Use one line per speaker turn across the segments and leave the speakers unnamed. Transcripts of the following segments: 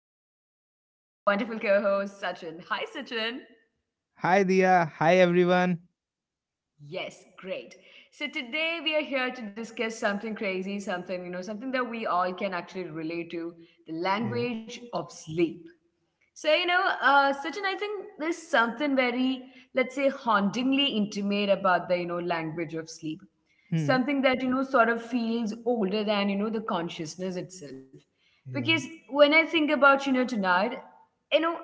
with me I have my wonderful co host Sachin. Hi Sachin.
Hi Dia. Hi everyone.
Yes, great. So today we are here to discuss something crazy, something, something that we all can actually relate to the
Yeah.
language of sleep. So, Sachin, I think there's something very, let's say, hauntingly intimate about the, language of sleep.
Hmm.
Something that, sort of feels older than, the consciousness itself.
Yeah.
Because when I think about, tonight, you know,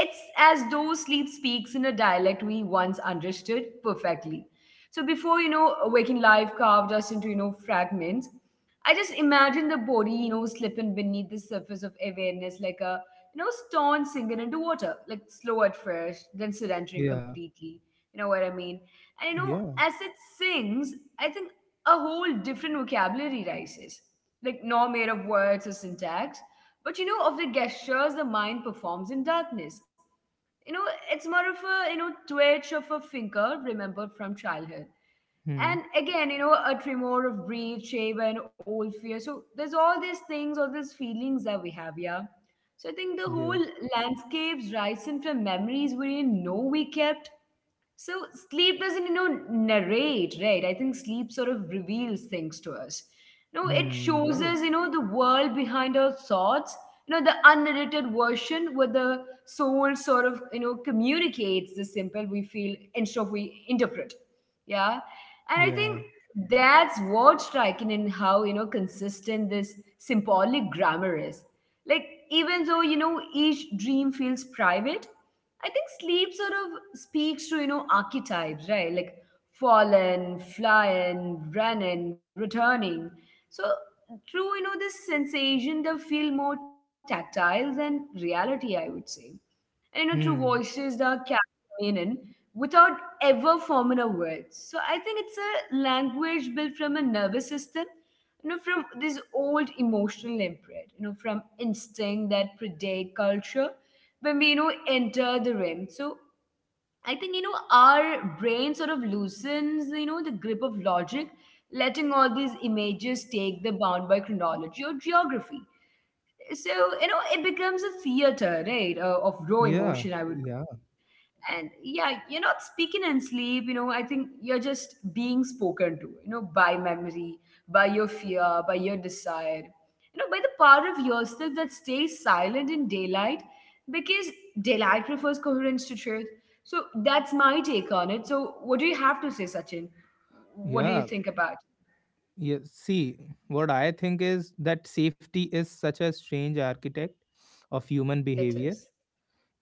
it's as though sleep speaks in a dialect we once understood perfectly. So before, waking life carved us into, fragments, I just imagine the body, slipping beneath the surface of awareness like a, stone sinking into water, like slow at first, then surrendering
Yeah.
completely. You know what I mean? And
Yeah.
as it sings, I think a whole different vocabulary rises, like no mere of words or syntax, but of the gestures the mind performs in darkness. You know, it's more of a, twitch of a finger remembered from childhood,
Hmm.
and again, a tremor of greed, shame, and old fear. So there's all these things, all these feelings that we have. Yeah. So I think the whole
Yeah.
landscapes rising from memories we didn't know we kept. So sleep doesn't, narrate, right? I think sleep sort of reveals things to us. No, it
Hmm.
shows
Right.
us, the world behind our thoughts. The unedited version where the soul sort of, communicates the simple we feel instead of we interpret. Yeah. And I
Yeah.
think that's what's striking in how, consistent this symbolic grammar is. Like, even though, each dream feels private, I think sleep sort of speaks to, archetypes, right? Like fallen, flying, running, returning. So through, this sensation, they feel more tactile than reality, I would say. And, through
Hmm.
voices, the capture meaning without ever forming a word. So I think it's a language built from a nervous system, from this old emotional imprint, from instinct that predate culture. Bambino enter the rim. So I think our brain sort of loosens the grip of logic, letting all these images take the bound by chronology or geography. So it becomes a theater, right, of raw
Yeah.
emotion. I would,
Yeah.
and yeah, you're not speaking in sleep. I think you're just being spoken to, by memory, by your fear, by your desire, by the part of yourself that stays silent in daylight, because daylight prefers coherence to truth. So that's my take on it. So what do you have to say, Sachin? What do you
Yeah.
think about
Yeah. See, what I think is that safety is such a strange architect of human
it is.
behavior,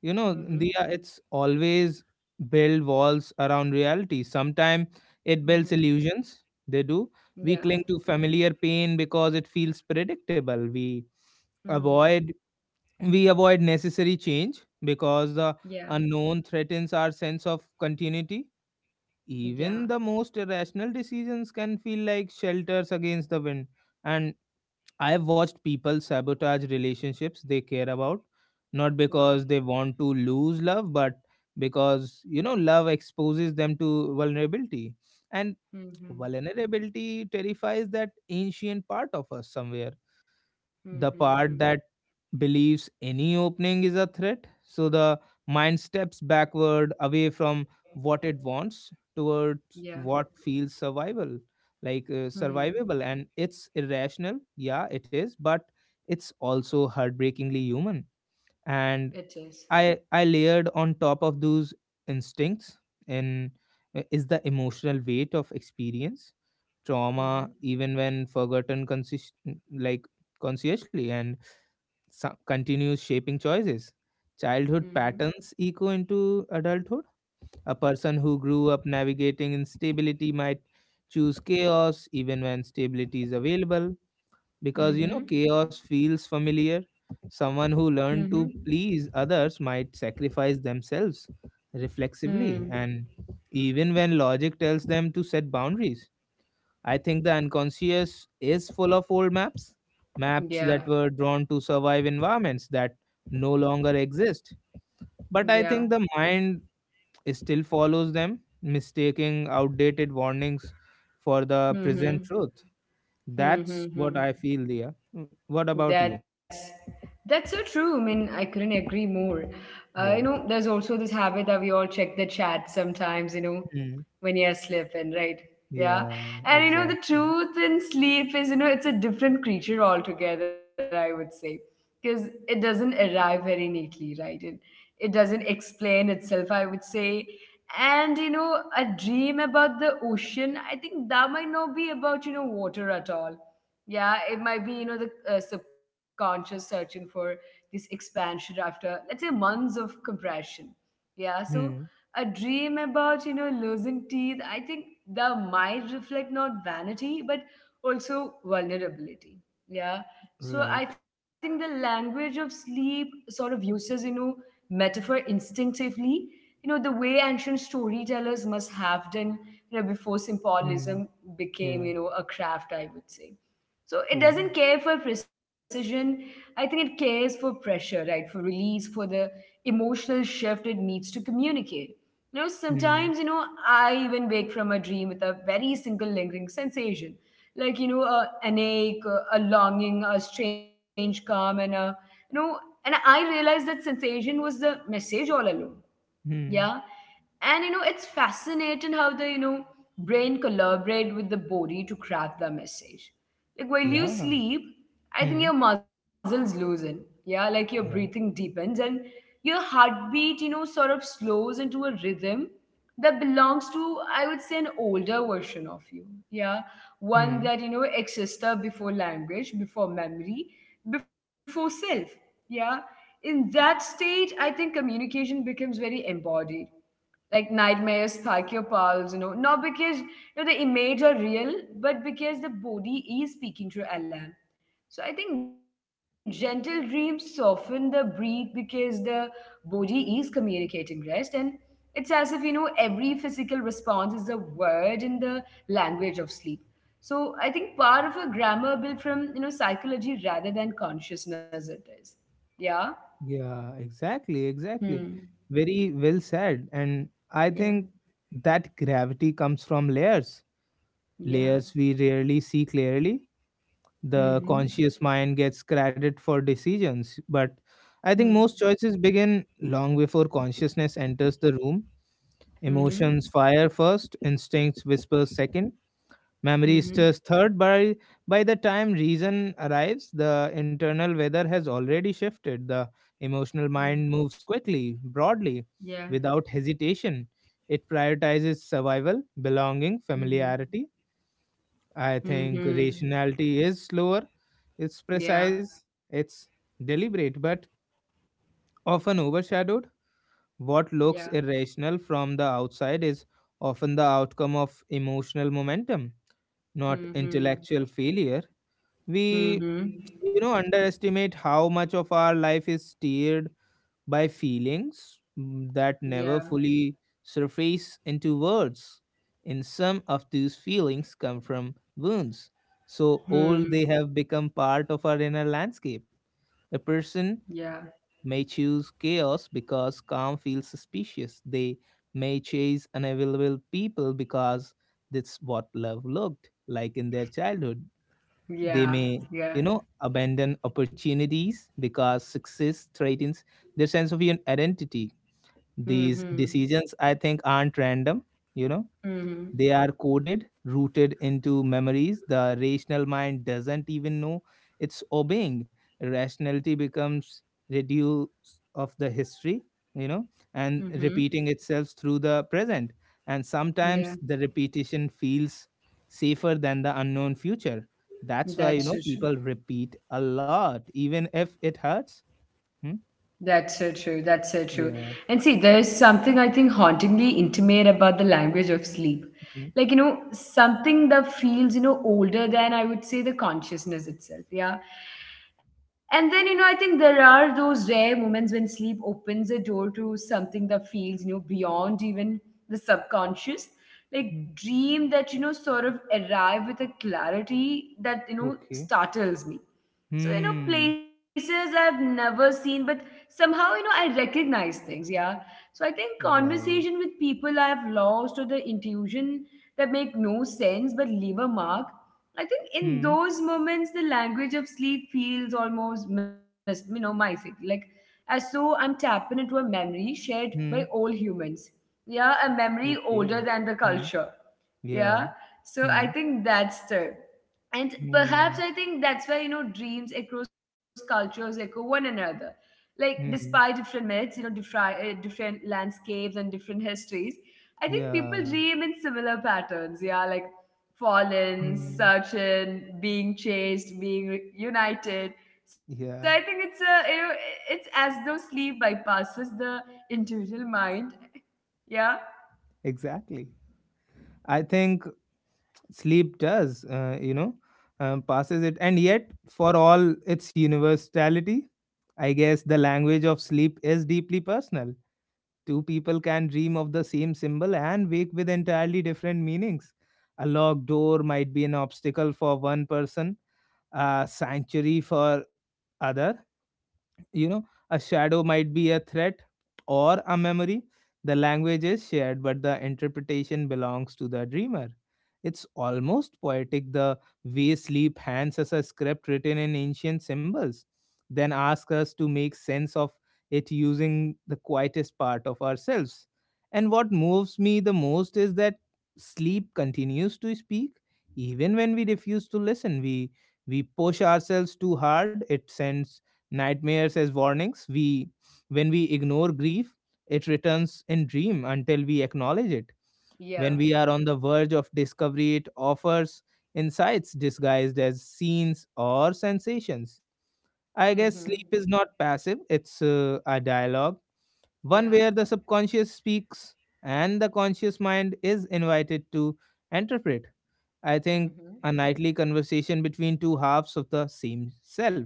Mm-hmm.
Diya. It's always build walls around reality. Sometimes it builds
Mm-hmm.
illusions, they do. We
Yeah.
cling to familiar pain because it feels predictable. We
Mm.
avoid avoid necessary change because the
Yeah.
unknown threatens our sense of continuity. Even
Yeah.
the most irrational decisions can feel like shelters against the wind. And. I've watched people sabotage relationships they care about, not because
Wow.
they want to lose love, but because, love exposes them to vulnerability. And
Mm-hmm.
vulnerability terrifies that ancient part of us somewhere, the
Mm-hmm.
part that
Mm-hmm.
believes any opening is a threat. So the mind steps backward away from what it wants towards
Yeah.
what feels survival, like,
Hmm.
survivable. And it's irrational. Yeah, it is, but it's also heartbreakingly human. And
It is.
I layered on top of those instincts in is the emotional weight of experience trauma
Mm-hmm.
even when forgotten consist, like, consciously, and continues shaping choices. Childhood
Mm-hmm.
patterns echo into adulthood. A person who grew up navigating instability might choose chaos even when stability is available because
Mm-hmm.
chaos feels familiar. Someone who learned to
Mm-hmm.
please others might sacrifice themselves reflexively,
Hmm.
and even when logic tells them to set boundaries, I think the unconscious is full of old maps, maps that were
Yeah.
drawn to survive environments that no longer exist. But I think
Yeah.
the mind still follows them, mistaking outdated warnings for the present truth.
Mm-hmm.
That's what
Mm-hmm.
I
Hmm.
feel, Dia. What about you?
That's that's so true. I mean, I couldn't agree more.
Yeah.
You know, there's also this habit that we all check the chat sometimes.
Mm.
When you're sleeping, right? Yeah,
Yeah,
and the
exactly.
truth in sleep is, it's a different creature altogether. I would say, because it doesn't arrive very neatly, right? It doesn't explain itself. I would say. And a dream about the ocean, I think that might not be about, water at all. Yeah, it might be, the subconscious searching for this expansion after, let's say, months of compression. Yeah. So
Hmm.
a dream about losing teeth, I think that might reflect not vanity, but also vulnerability. Yeah. So I
Right.
think the language of sleep sort of uses metaphor instinctively, the way ancient storytellers must have done, before
Hmm.
symbolism became
Yeah.
a craft, I would say. So it doesn't
Yeah.
care for precision. I think it cares for pressure, right? For release, for the emotional shift it needs to communicate.
Hmm.
Sometimes, I even wake from a dream with a very single lingering sensation, like, an ache, a longing, a strange calm, and a, you know, and I realized that sensation was the message all along. Yeah.
Hmm.
And it's fascinating how the brain collaborate with the body to craft the message. Like while you
Yeah.
sleep, I think
Hmm.
your muscles loosen. Yeah, like your breathing
Yeah.
deepens and your heartbeat sort of slows into a rhythm that belongs to, I would say, an older version of you. Yeah. One
Hmm.
that existed before language, before memory, before self. Yeah. In that stage, I think communication becomes very embodied. Like nightmares spike your pulse, not because the images are real, but because the body is speaking through alarm. So I think gentle dreams soften the breath because the body is communicating rest, and it's as if every physical response is a word in the language of sleep. So I think part of a grammar built from psychology rather than consciousness it is. Yeah.
Yeah, exactly, exactly.
Hmm.
Very well said. And I think
Yeah.
that gravity comes from layers, layers we
Yeah.
rarely see clearly. The conscious mind
Mm-hmm.
gets credit for decisions, but I think most
Hmm.
choices begin long before consciousness enters the room. Emotions
Mm-hmm.
fire first, instincts whisper second, memory is
Mm-hmm.
third. By the time reason arrives, the internal weather has already shifted. The emotional mind
Mm.
moves quickly, broadly,
Yeah.
without hesitation. It prioritizes survival, belonging,
Mm-hmm.
familiarity. I think
Mm-hmm.
rationality is slower, it's
Yeah.
precise, it's deliberate, but often overshadowed. What
Yeah.
looks irrational from the outside is often the outcome of emotional momentum, not
Mm-hmm.
intellectual failure. We
Mm-hmm.
underestimate how much of our life is steered by feelings that
Yeah.
never fully surface into words. And some of these feelings come from wounds so old
Hmm.
they have become part of our inner landscape. A person
Yeah.
may choose chaos because calm feels suspicious. They may chase unavailable people because that's what love looked like in their childhood. They
Yeah.
may
Yeah.
abandon opportunities because success threatens their sense of identity. These
Mm-hmm.
decisions, I think, aren't random. you know
Mm-hmm.
they are coded, rooted into memories the rational mind doesn't even know it's obeying. Rationality becomes reduce of the history, you know, and
Mm-hmm.
repeating itself through the present. And
Yeah.
sometimes the repetition feels safer than the unknown future. That's why, you
That's
know,
it.
people repeat a lot, even if it hurts. Hmm?
That's so true. That's so true.
Yeah.
And see, there's something I think hauntingly intimate about the language of sleep.
Hmm.
Like, something that feels, older than I would say the consciousness itself. Yeah. And then, I think there are those rare moments when sleep opens a door to something that feels, beyond even the subconscious. Like
Hmm.
dream that, sort of arrive with a clarity that,
Okay.
startles me. So,
Hmm.
places I've never seen, but somehow I recognize things. Yeah. So I think conversation
Right.
with people I have lost, or the intuition that make no sense but leave a mark. I think in
Hmm.
those moments the language of sleep feels almost my, like, as though I'm tapping into a memory shared by
Hmm.
all humans. Yeah, a memory older
Okay.
than the
Hmm.
culture. Yeah.
Yeah.
So I
Hmm.
think that's the. And perhaps
Hmm.
I think that's why dreams across cultures echo one another, like despite
Hmm.
different myths, different landscapes and different histories. I think people
Yeah.
dream in similar patterns. Yeah, like fallen,
Hmm.
searching, being chased, being united. So I think
Yeah.
it's a, it's as though sleep bypasses the individual mind. Yeah.
Exactly. I think sleep does, passes it. And yet, for all its universality, I guess the language of sleep is deeply personal. Two people can dream of the same symbol and wake with entirely different meanings. A locked door might be an obstacle for one person, a sanctuary for other. you know a shadow might be a threat or a memory. The language is shared, but the interpretation belongs to the dreamer. It's almost poetic, the way sleep hands us a script written in ancient symbols, then asks us to make sense of it using the quietest part of ourselves. And what moves me the most is that sleep continues to speak even when we refuse to listen. We push ourselves too hard, it sends nightmares as warnings. We when we ignore grief, it returns in dream until we acknowledge it. When
Yeah.
we are on the verge of discovery, it offers insights disguised as scenes or sensations. I guess
Mm-hmm.
sleep is not passive, it's a dialogue, one
Yeah.
where the subconscious speaks and the conscious mind is invited to interpret. I think
Mm-hmm.
a nightly conversation between two halves of the same self.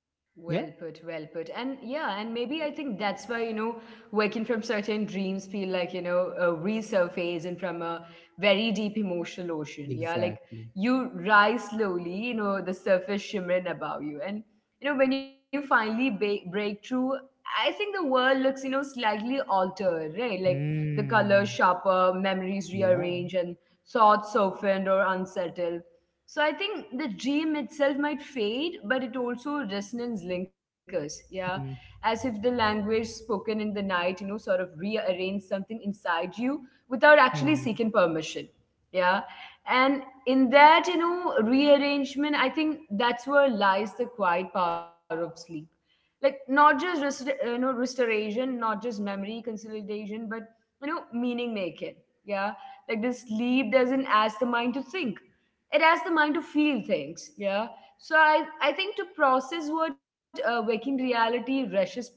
Well
Yeah,
put, well put. And yeah, and maybe I think that's why, waking from certain dreams feel like, a resurface and from a very deep emotional ocean. Yeah, like
exactly.
you rise slowly, the surface shimmering above you. And, when you finally break through, I think the world looks, slightly altered, right? Like the colors
Mm.
sharper, memories
Yeah.
rearranged, and thoughts softened or unsettled. So I think the dream itself might fade, but it also resonance lingers. Yeah.
Mm,
As if the language spoken in the night, sort of rearrange something inside you without actually
mm,
seeking permission. Yeah. And in that, rearrangement, I think that's where lies the quiet power of sleep. Like not just restoration, not just memory consolidation, but meaning making. Yeah, like the sleep doesn't ask the mind to think, it has the mind to feel things. Yeah. So I think to process what, waking reality rushes past,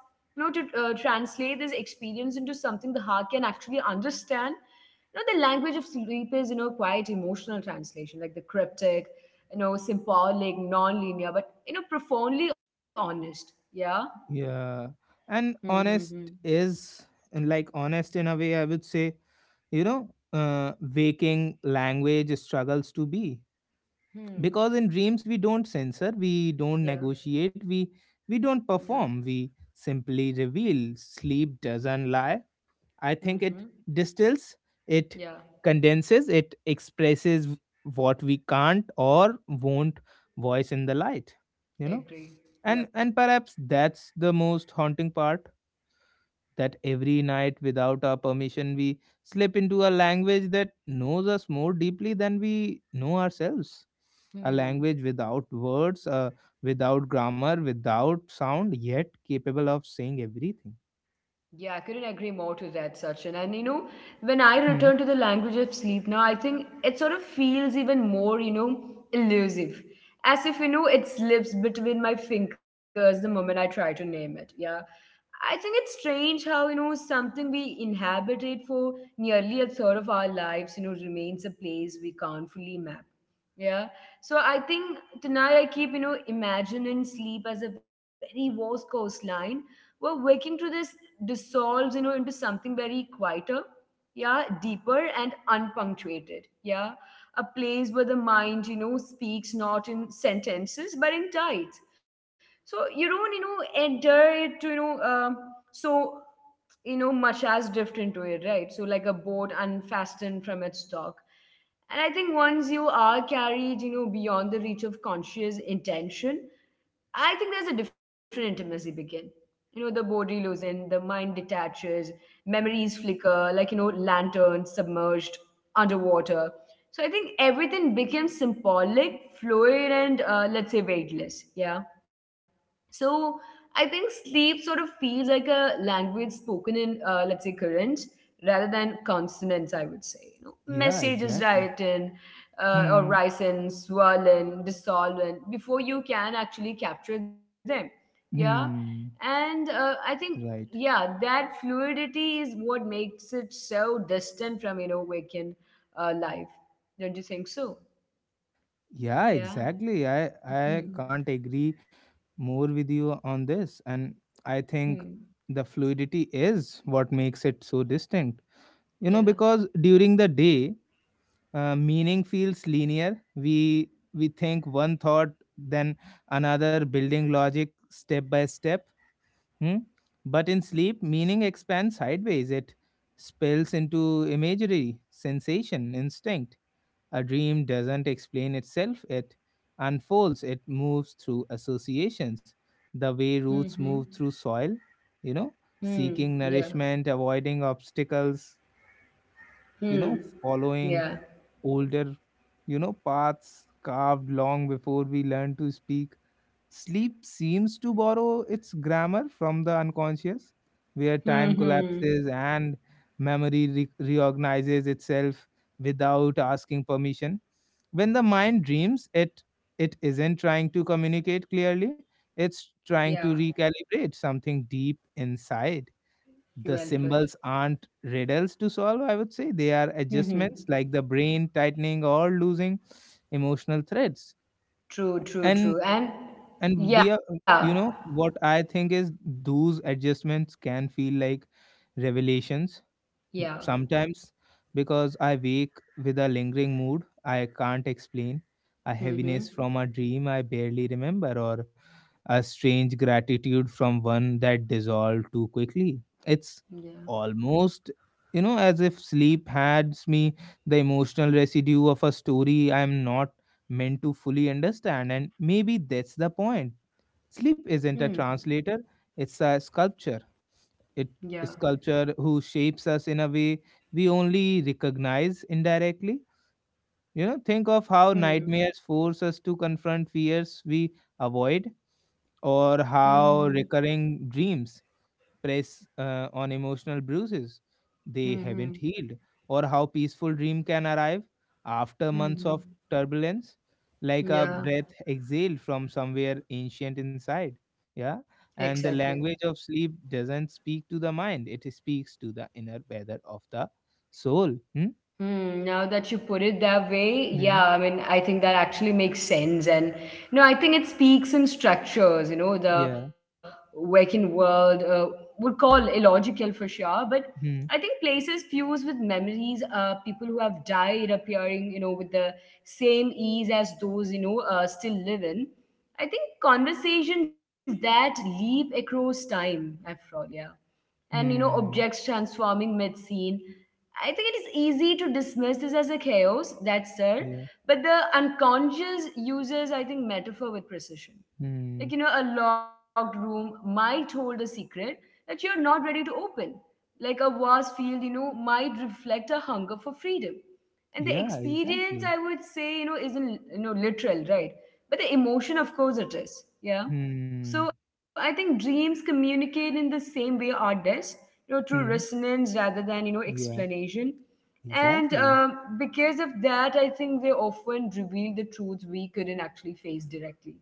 to translate this experience into something the heart can actually understand. The language of sleep is, quite emotional translation, like the cryptic, symbolic, non-linear, but profoundly honest. Yeah.
yeah. And
Mm-hmm.
honest is and like honest, in a way, I would say, waking language struggles to be.
Hmm.
Because in dreams we don't censor, we don't
Yeah.
negotiate, we don't
Yeah.
perform, we simply reveal. Sleep doesn't lie. I think it
Mm-hmm.
distills, it
Yeah.
condenses, it expresses what we can't or won't voice in the light, you know.
Agree.
And
Yep.
and perhaps that's the most haunting part, that every night without our permission we slip into a language that knows us more deeply than we know ourselves. A
Hmm.
language without words, without grammar, without sound, yet capable of saying everything.
Yeah, I couldn't agree more to that, Sachin. And when I
Hmm.
return to the language of sleep now, I think it sort of feels even more, elusive. As if, it slips between my fingers the moment I try to name it. Yeah. I think it's strange how, something we inhabited for nearly a third of our lives, remains a place we can't fully map. Yeah. So I think tonight I keep, imagining sleep as a very vast coastline, well, waking through this dissolves, into something very quieter, yeah, deeper and unpunctuated, yeah. A place where the mind, speaks not in sentences but in tides, so you don't adhere to so much as drift into it, right? So like a boat unfastened from its dock. And I think once you are carried, beyond the reach of conscious intention, I think there's a different intimacy begin. You know, the body loosens, the mind detaches, memories flicker, like, lanterns submerged underwater. So I think everything becomes symbolic, fluid, and let's say weightless. Yeah. So I think sleep sort of feels like a language spoken in, let's say, current rather than consonants. I would say,
Yeah,
messages
exactly.
written or
Hmm.
rise and swollen, dissolvent before you can actually capture them. Yeah,
Hmm.
and I think
Right.
yeah, that fluidity is what makes it so distant from waking life. Don't you think so?
Yeah,
Yeah.
exactly. I
Hmm.
can't agree more with you on this, and I
Hmm.
think the fluidity is what makes it so distinct. You know,
Yeah.
because during the day, meaning feels linear. We think one thought, then another, building logic step by step. Hmm? But in sleep, meaning expands sideways. It spills into imagery, sensation, instinct. A dream doesn't explain itself, it unfolds, it moves through associations, the way
Mm-hmm.
roots move through soil, you know,
Hmm.
seeking
Yeah.
nourishment, avoiding obstacles,
Hmm.
following
Yeah.
older, paths carved long before we learn to speak. Sleep seems to borrow its grammar from the unconscious, where
Hmm,
time
hmm.
collapses and memory reorganizes itself without asking permission. When the mind dreams, it isn't trying to communicate clearly, it's
Yeah.
trying to recalibrate something deep inside.
Well
The
put.
symbols aren't riddles to solve, I would say. They are
Hmm, hmm.
adjustments, like the brain tightening or losing emotional threads.
True. True.
And
True. And
and the
yeah.
you know what I think is, those adjustments can feel like revelations
Yeah.
sometimes, because I wake with a lingering mood I can't explain, a
Hmm, hmm.
heaviness from a dream I barely remember, or a strange gratitude from one that dissolved too quickly. It's
Yeah.
almost as if sleep hands me the emotional residue of a story I am not meant to fully understand, and maybe that's the point. Sleep
Hmm.
isn't a translator, it's a sculpture. It,
Yeah.
a sculpture who shapes us in a way we only recognize indirectly. Think of how
Hmm.
nightmares force us to confront fears we avoid, or
Hmm.
how recurring dreams press on emotional bruises they
Hmm.
haven't
Hmm,
healed, or how peaceful dream can arrive after
hmm,
months
hmm.
of turbulence, like a
Yeah.
breath exhaled from somewhere ancient inside. Yeah, and
Exactly.
the language of sleep doesn't speak to the mind; it speaks to the inner weather of the soul. Hmm?
Hmm, now that you put it that way, yeah,
Hmm.
I mean, I think that actually makes sense. And, I think it speaks in structures, the
Yeah.
working world would call illogical for sure. But I
Hmm.
think places fused with memories, people who have died appearing, with the same ease as those, still live in. I think conversations that leap across time, after all, yeah, and
Hmm.
objects transforming mid-scene. I think it is easy to dismiss this as a chaos that's there,
Yeah.
but the unconscious uses, I think, metaphor with precision.
Hmm.
Like a locked room might hold a secret that you're not ready to open, like a vast field, might reflect a hunger for freedom. And the
Yeah.
experience,
Exactly.
I would say, isn't, literal, right? But the emotion, of course, it is. Yeah.
Hmm.
So I think dreams communicate in the same way art does, through
Hmm.
resonance rather than,
Yeah.
explanation. And
Exactly.
because of that, I think they often reveal the truths we couldn't actually face directly.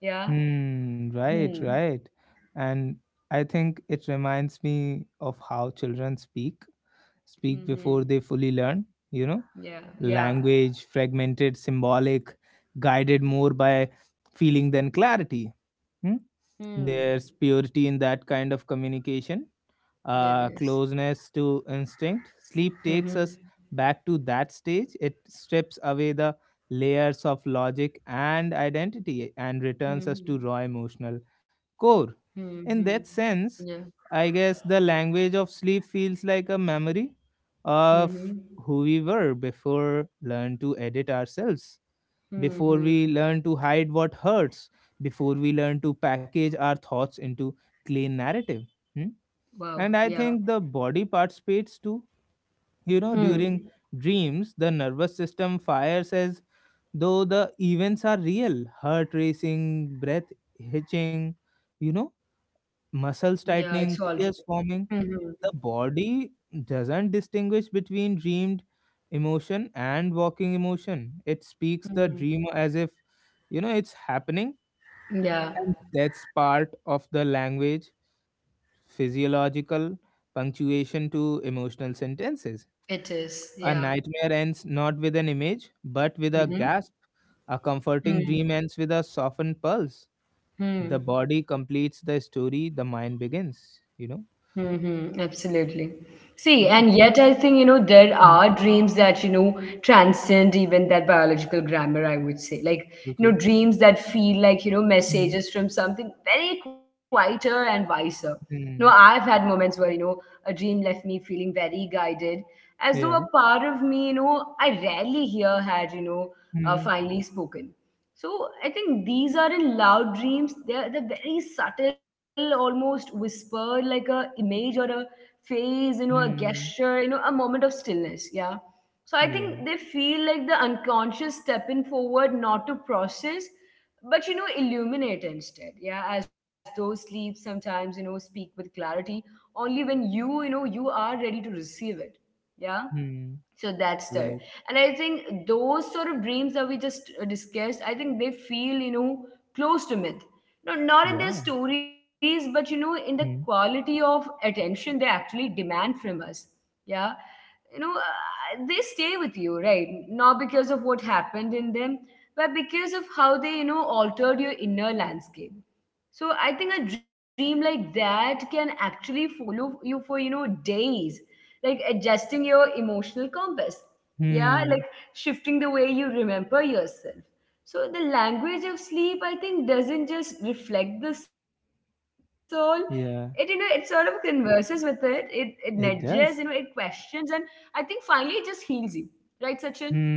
Yeah.
Hmm, right,
Hmm.
right. And I think it reminds me of how children speak,
Hmm,
speak
hmm.
before they fully learn, you know,
Yeah. Yeah.
language, fragmented, symbolic, guided more by feeling than clarity. Hmm?
Hmm.
There's purity in that kind of communication,
There is.
closeness to instinct. Sleep takes us
Mhm.
back to that stage. It strips away the layers of logic and identity and returns us
Mhm.
to raw emotional core.
Mhm.
In that
Yeah.
sense, I guess the language of sleep feels like a memory of
Mhm.
who we were before learn to edit ourselves, before
Mhm.
we learn to hide what hurts, before we learn to package our thoughts into clean narrative. Hmm.
Wow.
And I
Yeah.
think the body participates too. You know,
Hmm.
during dreams, the nervous system fires as though the events are real, heart racing, breath hitching, you know,
Yeah,
muscles
it's all
tightening,
true.
tears forming.
Mhm.
The body doesn't distinguish between dreamed emotion and walking emotion. It speaks the
Mhm.
dream as if, it's happening.
Yeah,
And that's part of the language, physiological punctuation to emotional sentences.
it is.
A
Yeah.
nightmare ends not with an image, but with a
Mhm.
gasp. A comforting
Mhm.
dream ends with a softened pulse. The
Mhm.
body completes the story, the mind begins. You know?
Mm-hmm, absolutely. See,
Yeah.
and yet I think, there
Mm.
are dreams that, transcend even that biological grammar, I would say. Like,
Okay.
dreams that feel like,
Mm.
messages from something very quieter and wiser. You know, I've
Mm.
had moments where, a dream left me feeling very guided, as though a
Yeah.
part of me, I rarely hear had,
Mm.
finally spoken. So I think these are in loud dreams. They're very subtle, almost whisper, like a image or a phase, a
Mm.
gesture, a moment of stillness. Yeah. So I think
Yeah.
they feel like the unconscious stepping forward, not to process, but illuminate instead. Yeah, as though sleep sometimes, speak with clarity only when you, you are ready to receive it. Yeah,
Mm.
so that's there.
Right.
And I think those sort of dreams that we just discussed, I think they feel, close to myth, no, not in their
Yeah.
stories, but in the
Mm.
quality of attention they actually demand from us, yeah. You know, they stay with you, right? Not because of what happened in them, but because of how they, altered your inner landscape. So I think a dream like that can actually follow you for, days, like adjusting your emotional compass, yeah, like
Mm.
shifting the way you remember yourself. So the language of sleep, I think, doesn't just reflect the soul. It, it sort of
Yeah.
converses with it, it nudges, it
It does.
questions, and I think finally it just heals you, right, Sachin?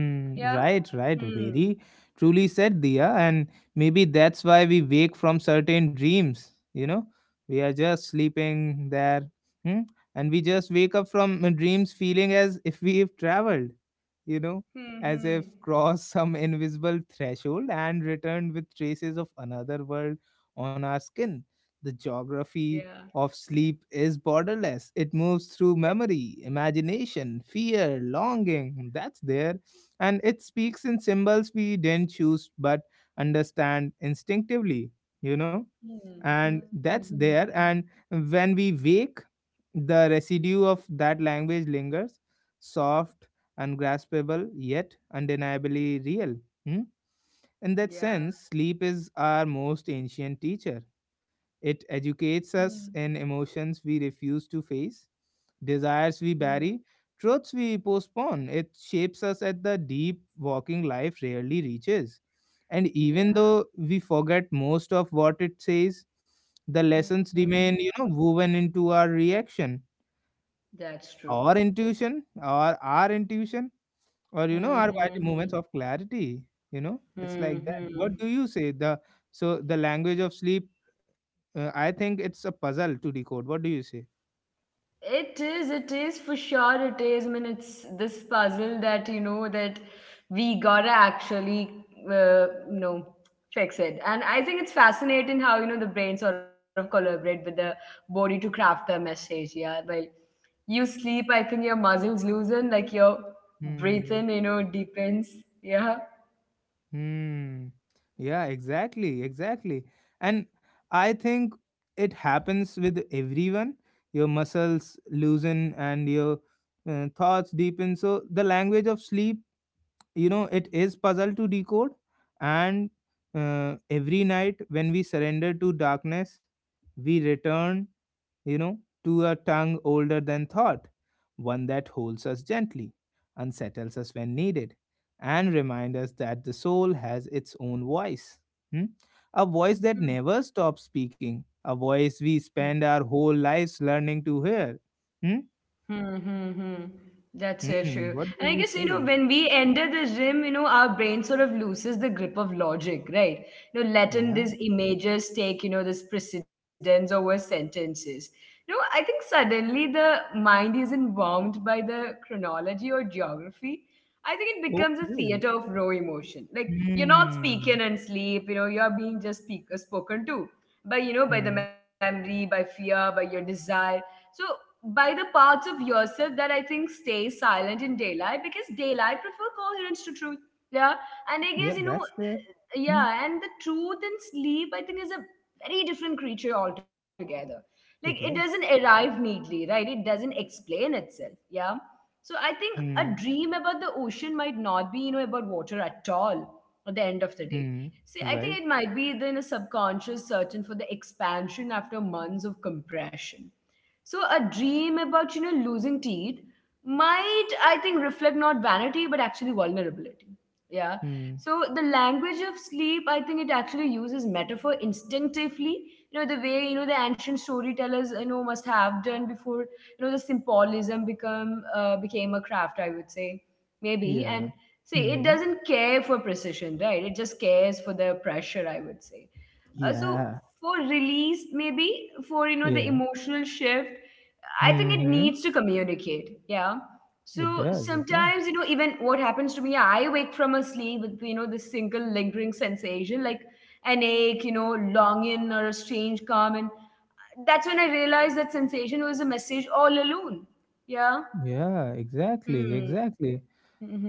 Yeah.
right, right.
Hmm,
Very truly said, Dia. And maybe that's why we wake from certain dreams. We are just sleeping there. Hmm? And we just wake up from dreams feeling as if we've traveled, you know,
hmm,
as
hmm.
if crossed some invisible threshold and returned with traces of another world on our skin. The
Yeah.
geography of sleep is borderless, it moves through memory, imagination, fear, longing. That's there, and it speaks in symbols we didn't choose but understand instinctively. you know
Hmm,
and
hmm, hmm,
that's
hmm.
there, and when we wake, the residue of that language lingers soft, ungraspable, yet undeniably real. Hmm? In that
Yeah.
sense, sleep is our most ancient teacher. It educates
Hmm,
us in emotions we refuse to face, desires we
hmm.
bury, truths we postpone. It shapes us at the deep walking life rarely reaches. And even
Yeah.
though we forget most of what it says, the
Hmm,
lessons
hmm.
remain, woven into our reaction,
That's true.
our intuition or our quiet
Mm-hmm.
moments of clarity. You know, it's like that.
Mm-hmm.
What do you say? The so the language of sleep, I think it's a puzzle to decode. What do you say?
It is for sure. It is. I mean, it's this puzzle that that we gotta actually, uh, you know, fix it. And I think it's fascinating how the brain sort of collaborate with the body to craft the message. Yeah, well, you sleep. I think your muscles loosen, like your
Hmm.
breathing, deepens. Yeah.
Hmm. Yeah, exactly, exactly. And I think it happens with everyone. Your muscles loosen and your thoughts deepen. So the language of sleep, you know, it is puzzle to decode. And every night when we surrender to darkness, we return, you know, to a tongue older than thought, one that holds us gently, unsettles us when needed, and reminds us that the soul has its own voice. Hmm? A voice that never stops speaking, a voice we spend our whole lives learning to hear. Hmm?
Hmm, hmm, hmm. That's so true.
Hmm.
And
What
I
do
guess,
you
when
say?
we enter the gym, our brain sort of loses the grip of logic, right? You know, letting
Yeah,
these images take, this precedence over sentences. You know, I think suddenly the mind isn't bound by the chronology or geography. I think it becomes a
okay.
theater of raw emotion. Like, you're not
Hmm.
speaking in sleep, you're being just spoken to by, by the
Hmm.
memory, by fear, by your desire. So by the parts of yourself that I think stay silent in daylight because daylight prefer coherence to truth. Yeah. And I guess,
Yeah, that's there. Hmm.
yeah, and the truth in sleep, I think, is a very different creature altogether. Like it
It
doesn't
is.
arrive neatly, right? It doesn't explain itself. Yeah. So I think a
Hmm.
dream about the ocean might not be, about water at all at the end of the day.
Hmm.
See, I
Right.
think it might be then a subconscious searching for the expansion after months of compression. So a dream about, losing teeth might, I think, reflect not vanity, but actually vulnerability. Yeah.
Hmm.
So the language of sleep, I think it actually uses metaphor instinctively. You know, the way, the ancient storytellers, must have done before, the symbolism become became a craft, I would say. Maybe.
Yeah.
And see, it
Hmm.
doesn't care for precision, right? It just cares for the pressure, I would say. So
Yeah,
for release maybe, for the
yeah.
emotional shift I think it
Hmm.
needs to communicate, yeah. So
It does, it does.
sometimes even what happens to me, I wake from a sleep with, this single lingering sensation like an ache, longing or a strange calm, and that's when I realized that sensation was a message all alone. Yeah.
Yeah, exactly,
Hmm.
exactly.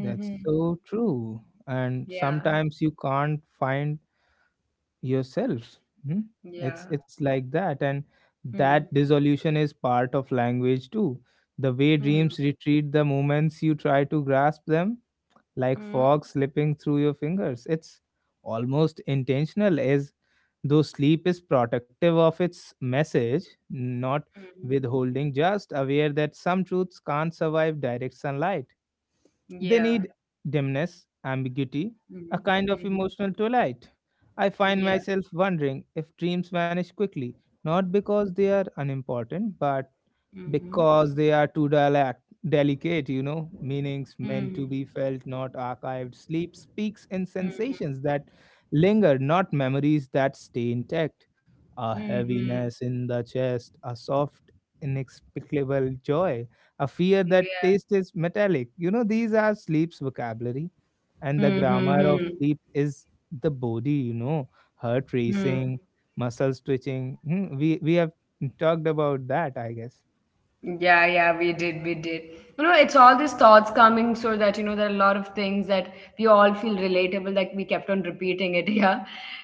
That's so true. And
Yeah.
sometimes you can't find yourself. Hmm? It's
Yeah.
like that, and
Hmm,
that dissolution is part of language too. The way
hmm,
dreams retreat the moments you try to grasp them, like
hmm, hmm.
fog slipping through your fingers. It's almost intentional, as though sleep is protective of its message, not
Hmm.
withholding, just aware that some truths can't survive direct sunlight. They
Yeah.
need dimness, ambiguity, a kind of
Mm-hmm.
emotional twilight. I find
Yeah.
myself wondering if dreams vanish quickly, not because they are unimportant, but
Mm-hmm.
because they are too delicate, you know, meanings meant
Hmm.
to be felt, not archived. Sleep speaks in
Hmm.
sensations that linger, not memories that stay intact. A
Hmm. Hmm.
heaviness in the chest, a soft, inexplicable joy, a fear that
Yeah.
taste is metallic. You know, these are sleep's vocabulary, and the
Hmm. Hmm.
grammar of
Hmm.
sleep is the body, you know, heart
Hmm.
racing, muscles twitching. Hmm, we have talked about that, I guess.
Yeah, yeah, we did, we did. You know, it's all these thoughts coming so that, there are a lot of things that we all feel relatable, like we kept on repeating it, yeah.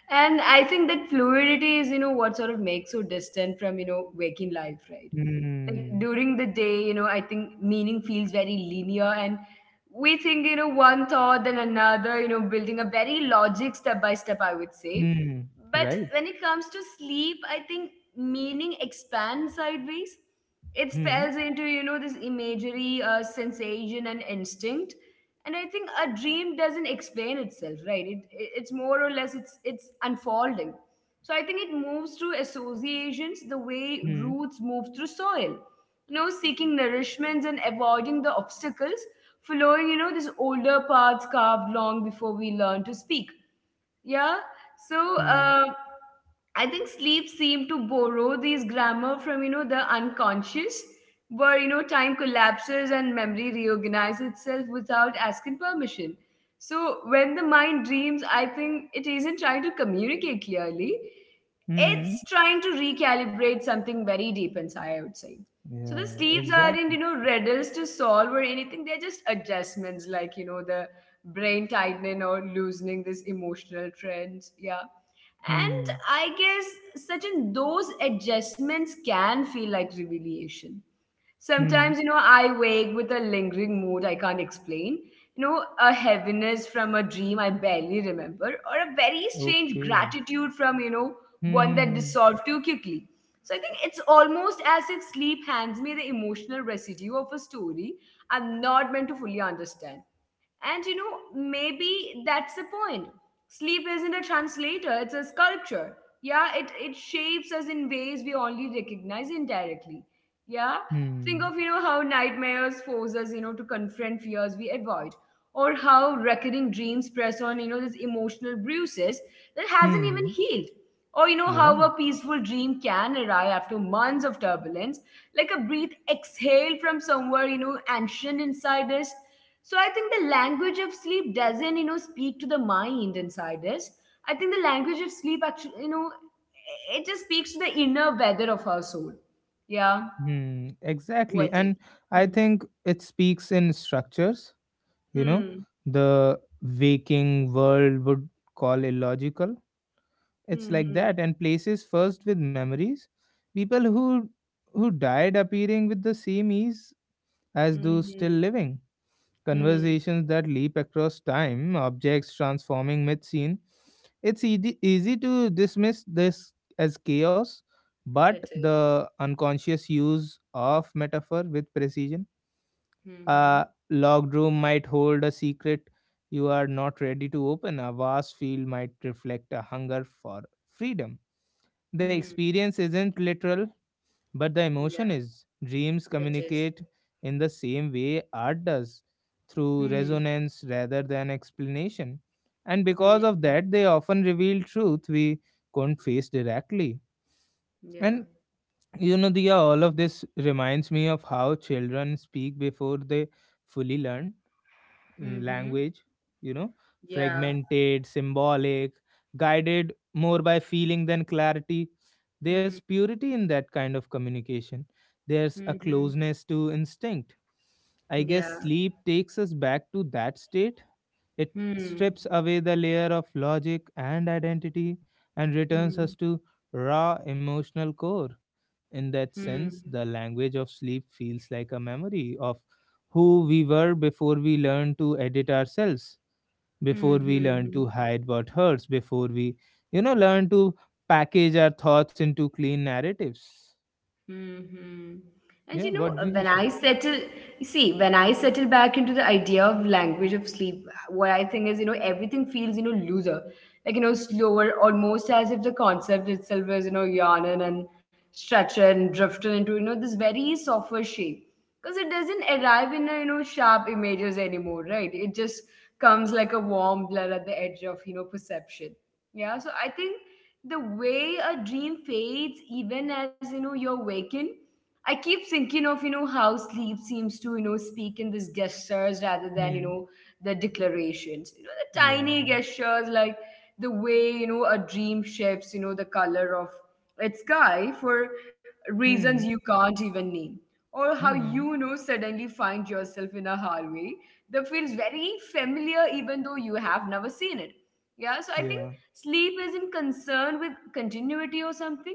And I think that fluidity is, what sort of makes you distant from, waking life, right? Like
Hmm.
during the day, I think meaning feels very linear and we think, one thought, then another, building a very logic step by step, I would say.
Hmm.
But
Right.
when it comes to sleep, I think meaning expands sideways. It
Hmm.
spells into, this imagery, sensation and instinct. And I think a dream doesn't explain itself, right? It's more or less, it's unfolding. So I think it moves through associations the way
Hmm.
roots move through soil, seeking nourishments and avoiding the obstacles, following, these older paths carved long before we learn to speak, yeah. So
Hmm.
I think sleep seemed to borrow these grammar from, the unconscious, where, time collapses and memory reorganizes itself without asking permission. So when the mind dreams, I think it isn't trying to communicate clearly. It's
Hmm.
trying to recalibrate something very deep inside, I would say. So the
Yeah,
sleeps aren't,
exactly.
riddles to solve or anything. They're just adjustments, like, the brain tightening or loosening these emotional trends. Yeah. And
Hmm.
I guess certain those adjustments can feel like revelation.
Hmm.
Sometimes, I wake with a lingering mood I can't explain. You know, a heaviness from a dream I barely remember, or a very strange
Okay.
gratitude from,
Hmm.
one that
Hmm.
dissolved too quickly. So I think it's almost as if sleep hands me the emotional residue of a story I'm not meant to fully understand. And maybe that's the point. Sleep isn't a translator, it's a sculpture. Yeah, it shapes us in ways we only recognize indirectly. Yeah, think
Hmm.
of, how nightmares force us, to confront fears we avoid. Or how recurring dreams press on, these emotional bruises that hasn't
Hmm.
even
Hmm.
healed. Or, how
Yeah.
a peaceful dream can arrive after months of turbulence, like a breath exhaled from somewhere, ancient inside us. So I think the language of sleep doesn't, speak to the mind inside us. I think the language of sleep actually, it just speaks to the inner weather of our soul. Yeah.
Hmm, exactly.
What is?
And I
Hmm.
think it speaks in structures, you know,
Hmm.
the waking world would call illogical. It's
Hmm.
like
Hmm.
that. And places first with memories. People who died appearing with the same ease as those still
Hmm.
living,
Hmm, hmm.
conversations that leap across time, objects transforming mid-scene. It's easy to dismiss this as chaos, but
It is.
the unconscious use of metaphor with precision.
Hmm. Hmm.
A locked room might hold a secret you are not ready to open. A vast field might reflect a hunger for freedom. The
Hmm.
experience isn't literal, but the
Yeah.
emotion is. Dreams
It is.
communicate in the same way art does, through
Hmm.
resonance rather than explanation. And because
Hmm.
of that, they often reveal truth we couldn't face directly.
Yeah.
And you know, Diya, all of this reminds me of how children speak before they fully learn
Hmm. Hmm.
language, you know,
Yeah.
fragmented, symbolic, guided more by feeling than clarity. There's
Hmm.
purity in that kind of communication. There's
Hmm.
a
Hmm.
closeness to instinct. I guess
Yeah.
sleep takes us back to that state. It
Hmm.
strips away the layer of logic and identity and returns
Hmm.
us to raw emotional core. In that
Hmm. Hmm.
sense, the language of sleep feels like a memory of who we were before we learned to edit ourselves,
Hmm.
before we learned
Hmm.
to hide what hurts, before we, you know, learn to package our thoughts into clean narratives.
Hmm.
Yeah, what do
When
you
I
say?
settle, you see, when I settle back into the idea of language of sleep, what I think is, everything feels, looser, like, slower, almost as if the concept itself is, yawning and stretching and drifting into, this very softer shape. Because it doesn't arrive in, a, sharp images anymore, right? It just comes like a warm blur at the edge of, perception. Yeah, so I think the way a dream fades even as you're waking. I keep thinking of, how sleep seems to, speak in these gestures rather than,
Hmm.
the declarations. The
Yeah.
tiny gestures, like the way, a dream shifts, the color of its sky for reasons
Hmm.
you can't even name. Or how you, you
Hmm.
know suddenly find yourself in a hallway that feels very familiar even though you have never seen it. Yeah, so I think
Yeah.
sleep isn't concerned with continuity or something,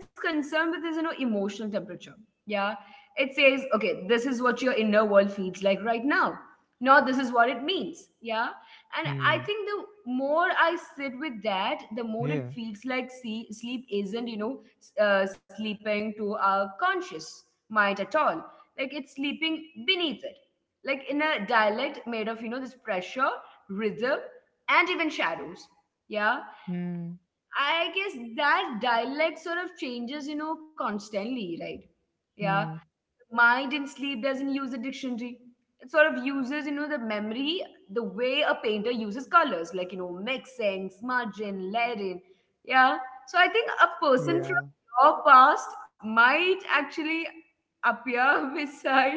it's concerned with this, emotional temperature. Yeah. It says, okay, this is what your inner world feels like right now. No, this is what it means. Yeah. And I
Hmm.
think the more I sit with that, the more
Yeah.
it feels like, see, sleep isn't, sleeping to our conscious mind at all. Like it's sleeping beneath it. Like in a dialect made of, this pressure, rhythm, and even shadows. Yeah.
Hmm.
I guess that dialect sort of changes, constantly, right? Yeah.
Hmm.
Mind in sleep doesn't use a dictionary. It sort of uses, the memory the way a painter uses colors, like, mixing, smudging, layering. Yeah. So I think a person
Yeah.
from your past might actually appear beside.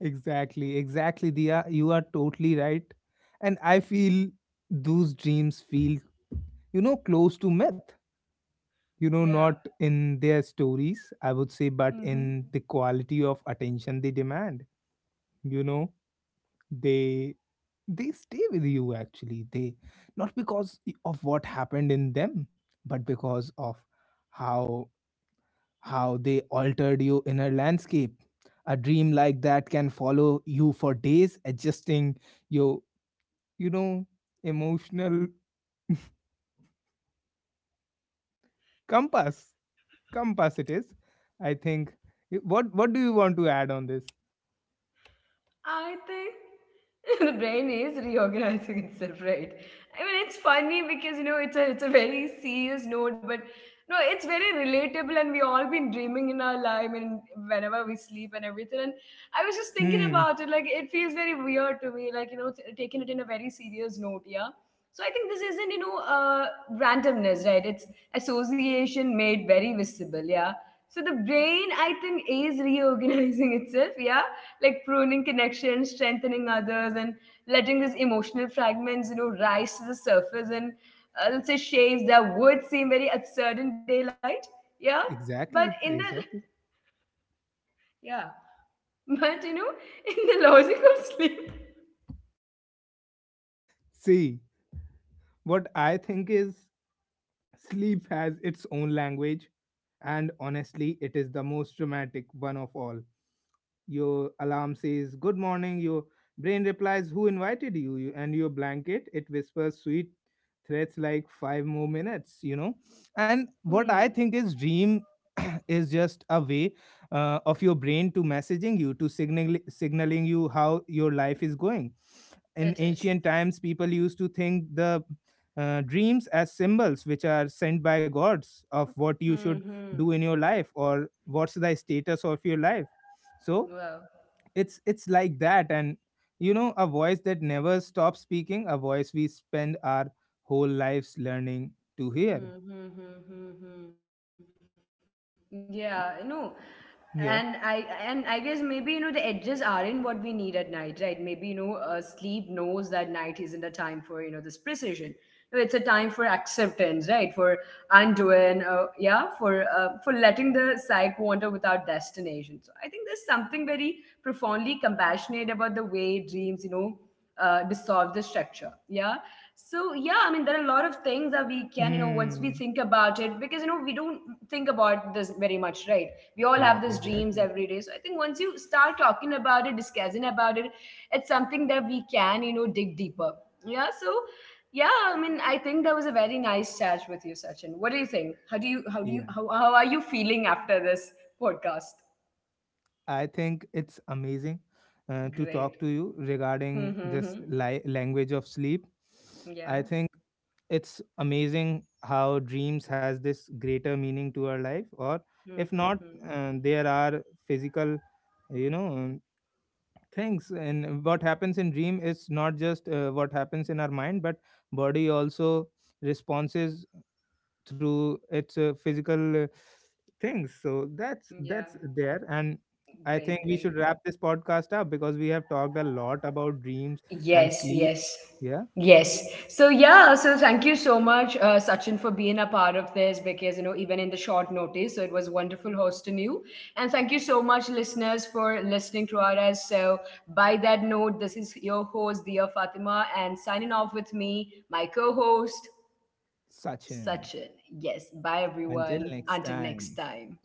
Exactly. Exactly. Dia, you are totally right. And I feel those dreams feel, you know, close to myth, you know,
Yeah.
not in their stories, I would say, but
Mm-hmm.
in the quality of attention they demand, you know. They they stay with you actually, they not because of what happened in them, but because of how how they altered your inner landscape. A dream like that can follow you for days, adjusting your, you know, emotional compass Compacities, I think. What do you want to add on this?
I think the brain is reorganizing itself, right? I mean, it's funny because you know it's a very serious note, but no, it's very relatable, and we all been dreaming in our life and whenever we sleep and everything. And I was just thinking
Hmm.
about it, like it feels very weird to me, like you know, taking it in a very serious note, yeah. So I think this isn't randomness, right? It's association made very visible, yeah. So the brain, I think, is reorganizing itself, yeah, like pruning connections, strengthening others, and letting these emotional fragments, rise to the surface in, let's say, shapes that would seem very absurd in daylight. Yeah, but
Exactly.
in the
Exactly.
yeah, but in the logic of sleep,
See, what I think is sleep has its own language, and honestly, it is the most dramatic one of all. Your alarm says good morning, your brain replies who invited you, and your blanket it whispers sweet threats like five more minutes, you know. And what I think is
hmm,
dream is just a way, of your brain to messaging you, to signaling you how your life is going. In ancient
it
times,
is.
people used to think the dreams as symbols which are sent by gods of what you should do in your
Hmm.
life
Hmm.
or what's the status of your life. So it's
Wow.
like that. And you know, a voice that never stops speaking, a voice we spend our whole lives learning to hear.
Hmm, hmm, hmm, hmm, hmm. Yeah, no.
Yeah.
And I guess maybe you know the edges aren't what we need at night, right? Maybe sleep knows that night isn't a time for you know this precision. No, it's a time for acceptance, right? For undoing, yeah, for letting the psyche wander without destination. So I think there's something very profoundly compassionate about the way dreams, dissolve the structure. Yeah, so yeah, I mean there are a lot of things that we can, once
Mm.
we think about it, because you know we don't think about this very much, right? We all
Yeah,
have these dreams
exactly.
every day. So I think once you start talking about it, discussing about it, it's something that we can, dig deeper. Yeah. So yeah, I mean I think that was a very nice chat with you, Sachin. What do you think? How do you
Yeah,
how are you feeling after this podcast?
I think it's amazing to
Great.
talk to you regarding this
Mm-hmm.
language of sleep. I
Yeah.
think it's amazing how dreams has this greater meaning to our life. Or if not,
Mm-hmm.
there are physical, you know, thanks. And what happens in dream is not just what happens in our mind, but body also responses through its physical things. So that's
Yeah.
that's there. And I think
Great,
we
great.
should wrap this podcast up because we have talked a lot about dreams and
Yes,
sleep.
yes,
Yeah,
yes. So yeah, so thank you so much, Sachin, for being a part of this because you know even in the short notice, so it was wonderful hosting you, and thank you so much, listeners, for listening to us. So by that note, this is your host, Dia Fatima, and signing off with me, my co-host,
Sachin.
Sachin. Yes, bye
Until
everyone.
next
Until next
time.
time.